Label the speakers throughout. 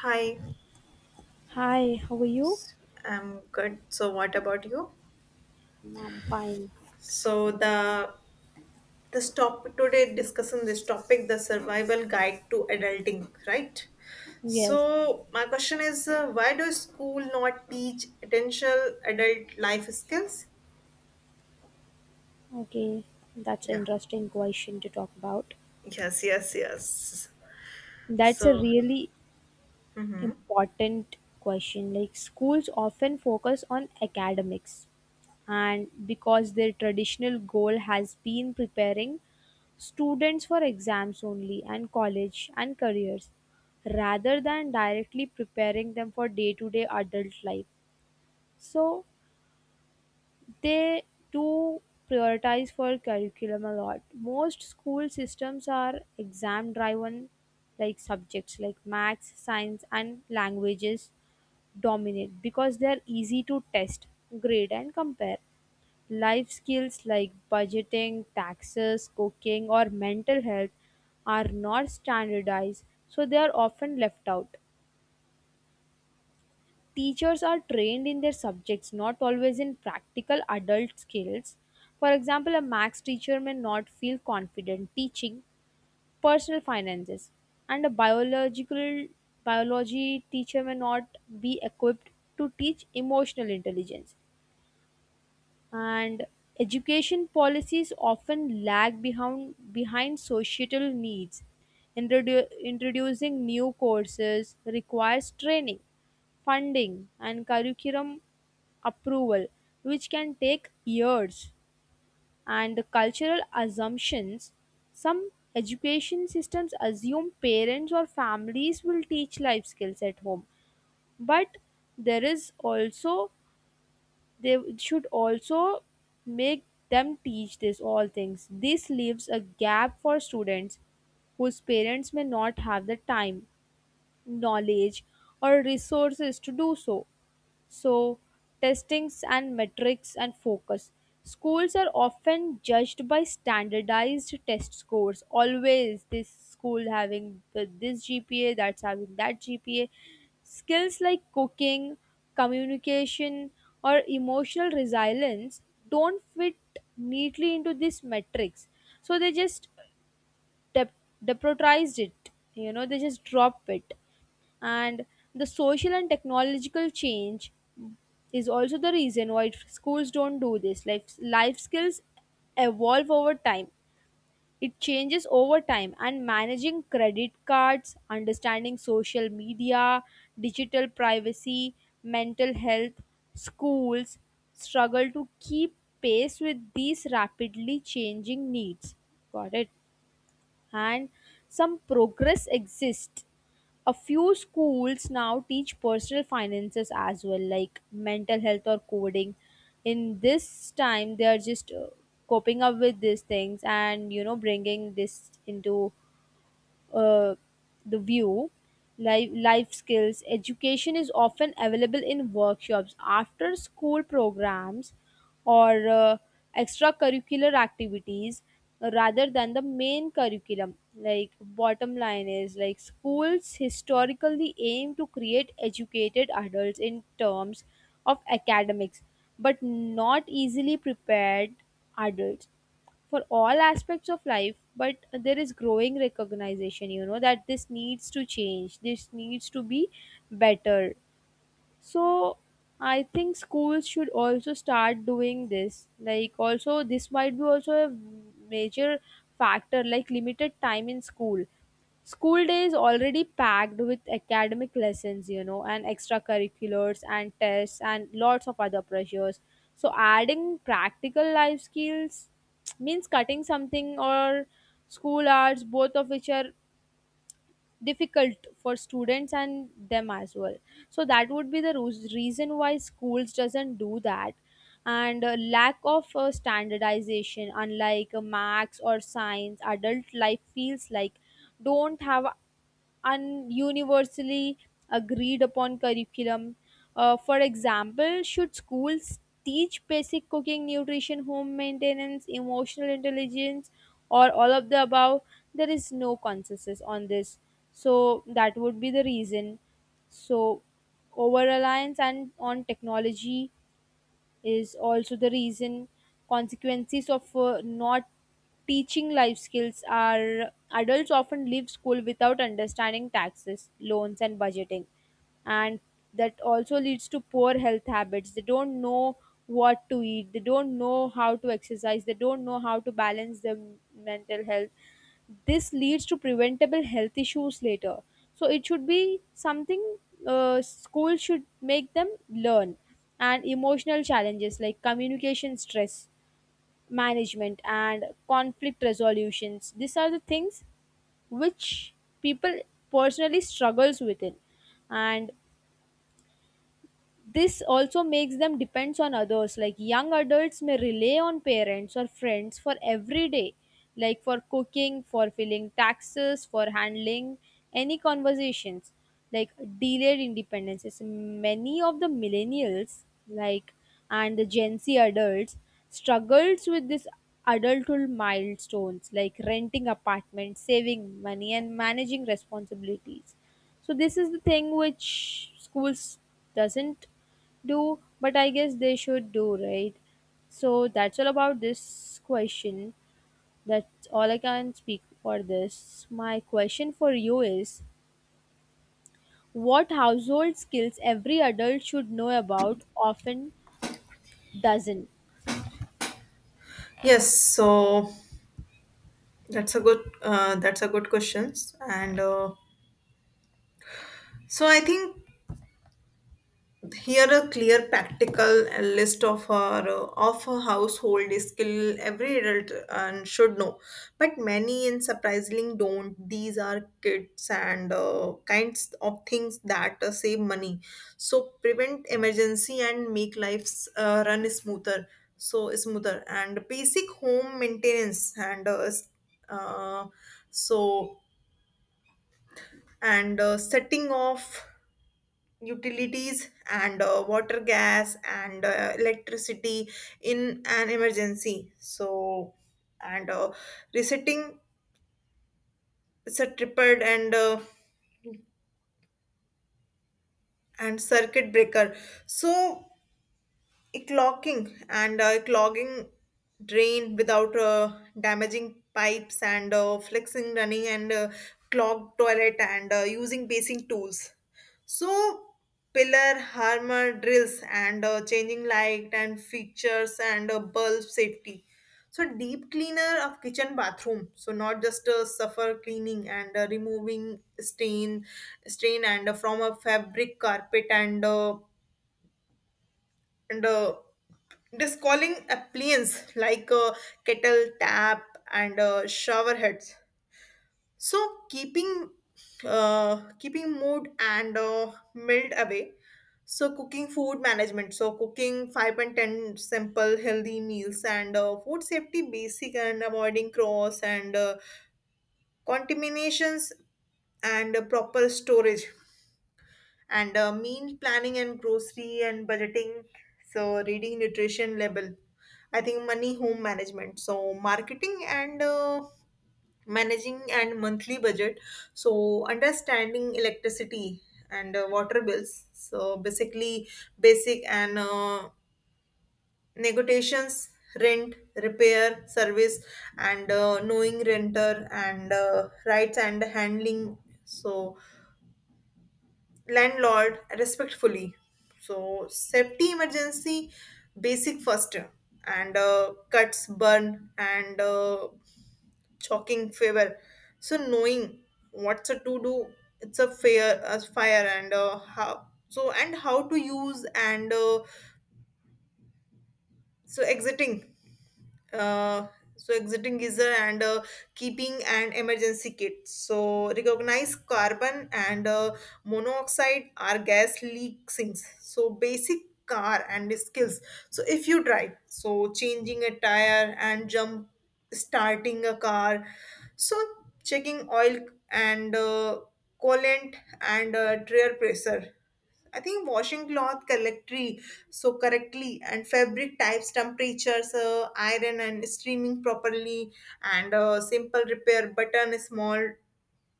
Speaker 1: Hi,
Speaker 2: Hi, how are you?
Speaker 1: I'm good. So, what about you?
Speaker 2: I'm fine.
Speaker 1: So, the this topic today discussing this topic, the survival guide to adulting, right?
Speaker 2: Yes.
Speaker 1: So, my question is, why does school not teach essential adult life skills?
Speaker 2: Okay. That's an
Speaker 1: Yeah.
Speaker 2: interesting question to talk about.
Speaker 1: Yes. Yes. Yes.
Speaker 2: That's a
Speaker 1: So,
Speaker 2: really important question. Like schools often focus on academics and because their traditional goal has been preparing students for exams only and college and careers rather than directly preparing them for day-to-day adult life. So they do prioritize for curriculum a lot. Most school systems are exam driven like subjects like maths, science and languages dominate because they are easy to test, grade and compare. Life skills like budgeting, taxes, cooking or mental health are not standardized so they are often left out. Teachers are trained in their subjects, not always in practical adult skills. For example, a max teacher may not feel confident teaching personal finances, and a biological biology teacher may not be equipped to teach emotional intelligence. And education policies often lag behind societal needs. Introducing new courses requires training, funding, and curriculum approval, which can take years, and the cultural assumptions. Some education systems assume parents or families will teach life skills at home, but there is also they should also make them teach this all things. This leaves a gap for students whose parents may not have the time, knowledge, or resources to do so. So, testings and metrics and focus. Schools are often judged by standardized test scores. Always, this school having the, this GPA, that's having that GPA. Skills like cooking, communication, or emotional resilience don't fit neatly into this metrics. So, they just dep- depotized it, you know, they just drop it. And the social and technological change is also the reason why schools don't do this like life skills evolve over time, it changes over time and managing credit cards, understanding social media, digital privacy, mental health, schools struggle to keep pace with these rapidly changing needs. Got it. And some progress exists, a few schools now teach personal finances as well, like mental health or coding. In this time, they are just coping up with these things and you know bringing this into uh, the view, life skills, education is often available in workshops, after school programs, or extracurricular activities rather than the main curriculum. Like, bottom line is like schools historically aim to create educated adults in terms of academics, but not easily prepared adults for all aspects of life, but there is growing recognition you know that this needs to change, this needs to be better. So I think schools should also start doing this, like also this might be also a major factor like limited time in school. School day is already packed with academic lessons, you know, and extracurriculars and tests and lots of other pressures. So, adding practical life skills means cutting something or school hours, both of which are difficult for students and them as well. So, that would be the reason why schools doesn't do that. And lack of standardization, unlike max or science, adult life feels like don't have and universally agreed upon curriculum. For example, should schools teach basic cooking, nutrition, home maintenance, emotional intelligence, or all of the above? There is no consensus on this. So, that would be the reason. So, over reliance and on technology is also the reason. Consequences of not teaching life skills are adults often leave school without understanding taxes, loans and budgeting, and that also leads to poor health habits. They don't know what to eat, they don't know how to exercise, they don't know how to balance their mental health. This leads to preventable health issues later. So it should be something school should make them learn. And emotional challenges like communication, stress management and conflict resolutions, these are the things which people personally struggles with it. And this also makes them depends on others, like young adults may rely on parents or friends for everyday, like for cooking, for filling taxes, for handling any conversations. Like delayed independence is many of the millennials like and the gen z adults struggles with this. Adulthood milestones like renting apartments, saving money and managing responsibilities, so this is the thing which schools doesn't do, but I guess they should do, right? So that's all about this question. That's all I can speak for this. My question for you is what household skills every adult should know about often doesn't.
Speaker 1: yes. So that's a good questions and. So I think here a clear practical list of her household skill every adult and should know, but many and surprisingly don't. These are kits and kinds of things that save money, so prevent emergency and make lives run smoother. So smoother and basic home maintenance and uh, so and setting off utilities and water gas and electricity in an emergency so and resetting is a tripod and circuit breaker so clogging and clogging drain without damaging pipes and flexing running and clogged toilet and using basing tools so pillar hammer drills and changing light and fixtures and bulb safety so deep cleaner of kitchen bathroom so not just suffer cleaning and removing stain and from a fabric carpet and just calling appliance like kettle tap and shower heads so keeping keeping mood and melt away so cooking food management so cooking 5 and 10 simple healthy meals and food safety basic and avoiding cross and contaminations and proper storage and meal planning and grocery and budgeting so reading nutrition label. I think money home management so marketing and managing and monthly budget so understanding electricity and water bills so basically basic and negotiations rent repair service and knowing renter and rights and handling so landlord respectfully. So safety emergency basic first and cuts burn and choking fever. So knowing what's a to do, it's a fair a fire and how to use and so exiting. uh, exiting geyser and keeping an emergency kit so recognize carbon and monoxide are gas leak sinks so basic car and skills so if you drive so changing a tire and jump starting a car so checking oil and coolant and tire pressure. I think washing cloth correctly, so correctly, and fabric types, temperatures, iron, and streaming properly, and simple repair button, small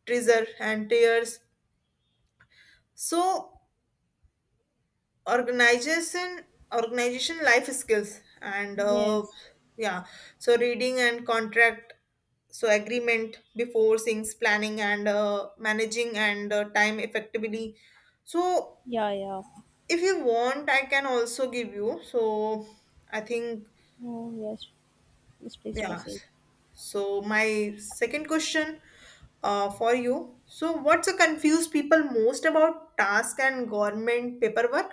Speaker 1: treasure and tears. So organization, organization, life skills, and
Speaker 2: Yes.
Speaker 1: yeah, so reading and contract, so agreement before things, planning and managing and time effectively. So
Speaker 2: Yeah, yeah.
Speaker 1: if you want, I can also give you. So I think,
Speaker 2: Oh yes, yes, please
Speaker 1: yeah.
Speaker 2: proceed.
Speaker 1: So my second question for you. So what's a confused people most about task and government paperwork?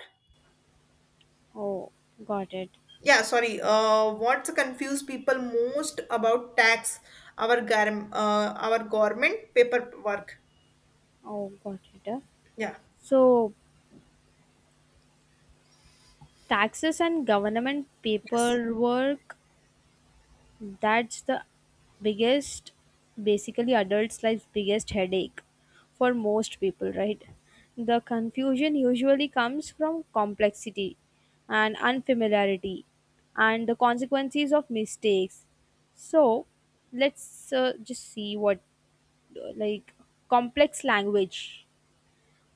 Speaker 2: Oh got it.
Speaker 1: Yeah, sorry. What's confuse people most about tax, our our government paperwork?
Speaker 2: oh got it uh.
Speaker 1: Yeah.
Speaker 2: So taxes and government
Speaker 1: Yes.
Speaker 2: paperwork, that's the biggest, basically adults life's biggest headache for most people, right? The confusion usually comes from complexity and unfamiliarity and the consequences of mistakes. So let's just see what like complex language.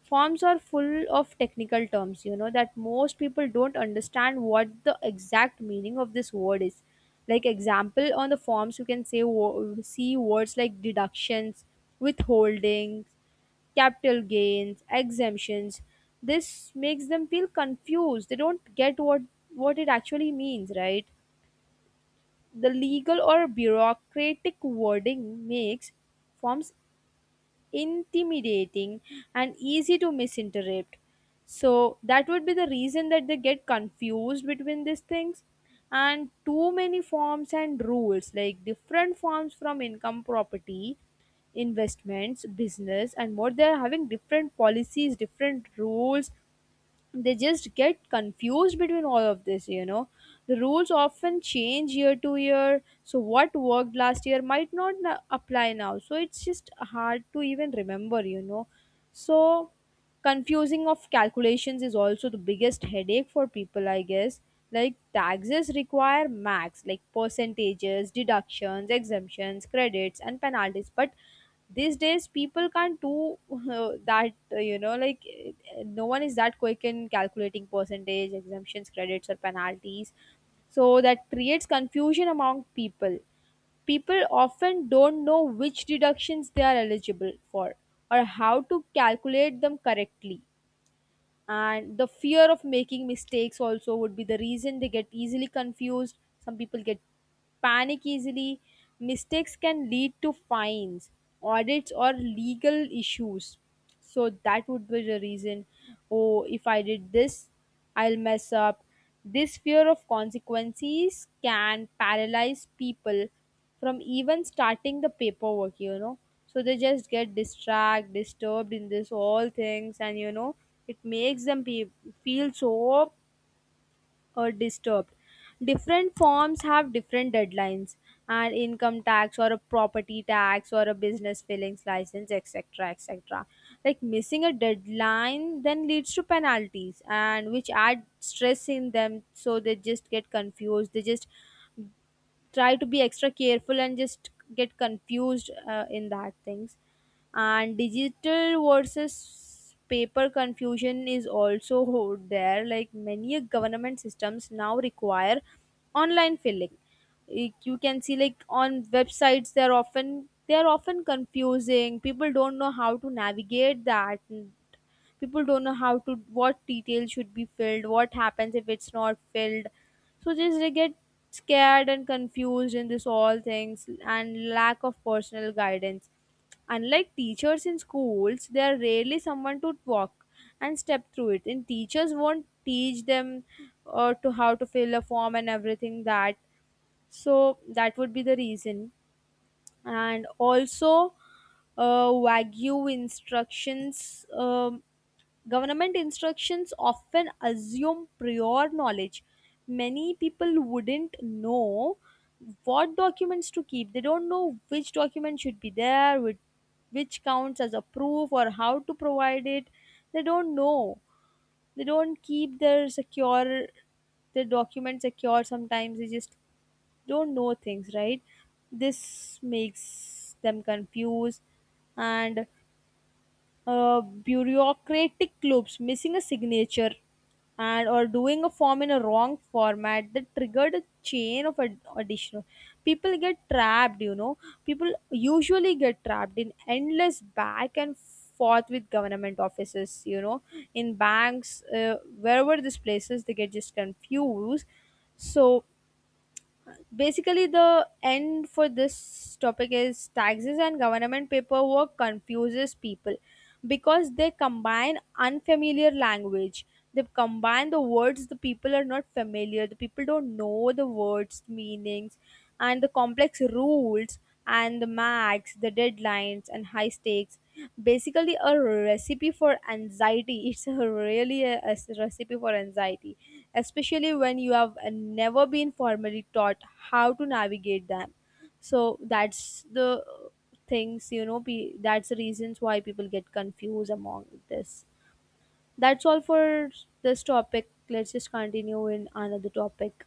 Speaker 2: Forms are full of technical terms, you know, that most people don't understand what the exact meaning of this word is. Like example on the forms, you can say see words like deductions, withholdings, capital gains, exemptions. This makes them feel confused. They don't get what it actually means, right? The legal or bureaucratic wording makes forms intimidating and easy to misinterpret, so that would be the reason that they get confused between these things. And too many forms and rules, like different forms from income, property, investments, business and more, they are having different policies, different rules, they just get confused between all of this, you know. The rules often change year to year, so what worked last year might not na- apply now, so it's just hard to even remember, you know. So confusing of calculations is also the biggest headache for people I guess, like taxes require max like percentages, deductions, exemptions, credits and penalties, but these days people can't do that you know, like no one is that quick in calculating percentage, exemptions, credits or penalties, so that creates confusion among people. People often don't know which deductions they are eligible for or how to calculate them correctly. And the fear of making mistakes also would be the reason they get easily confused. Some people get panic easily, mistakes can lead to fines, audits, or legal issues. So that would be the reason. Oh, if I did this, I'll mess up. This fear of consequences can paralyze people from even starting the paperwork, you know. So they just get distracted, disturbed in this all things, and you know, it makes them be, feel so or disturbed. Different forms have different deadlines, and income tax or a property tax or a business fillings license, etc. etc. Like missing a deadline then leads to penalties and which add stress in them, so they just get confused. They just try to be extra careful and just get confused in that things. And digital versus paper confusion is also there, like many government systems now require online filling. Like, you can see like on websites they're often confusing, people don't know how to navigate that, people don't know how to what details should be filled, what happens if it's not filled, so just they get scared and confused in this all things. And lack of personal guidance, unlike teachers in schools, there are rarely someone to walk and step through it. And teachers won't teach them to how to fill a form and everything that. So that would be the reason. And also, Wagyu instructions. Government instructions often assume prior knowledge. Many people wouldn't know what documents to keep. They don't know which document should be there, which counts as a proof, or how to provide it. They don't know. They don't keep their secure their documents secure. Sometimes they just don't know things, right? This makes them confused. And bureaucratic loops, missing a signature, and or doing a form in a wrong format that triggered a chain of additional. People get trapped, you know. People usually get trapped in endless back and forth with government offices, you know, in banks, wherever these places, they get just confused. So basically the end for this topic is taxes and government paperwork confuses people because they combine unfamiliar language, they combine the words the people are not familiar, the people don't know the words meanings, and the complex rules and the max the deadlines and high stakes, basically a recipe for anxiety it's a really a recipe for anxiety, especially when you have never been formally taught how to navigate them. So that's the things you know, that's the reasons why people get confused among this. That's all for this topic. Let's just continue in another topic.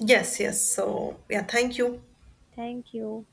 Speaker 1: Yes. Yes. So yeah, thank you.
Speaker 2: Thank you.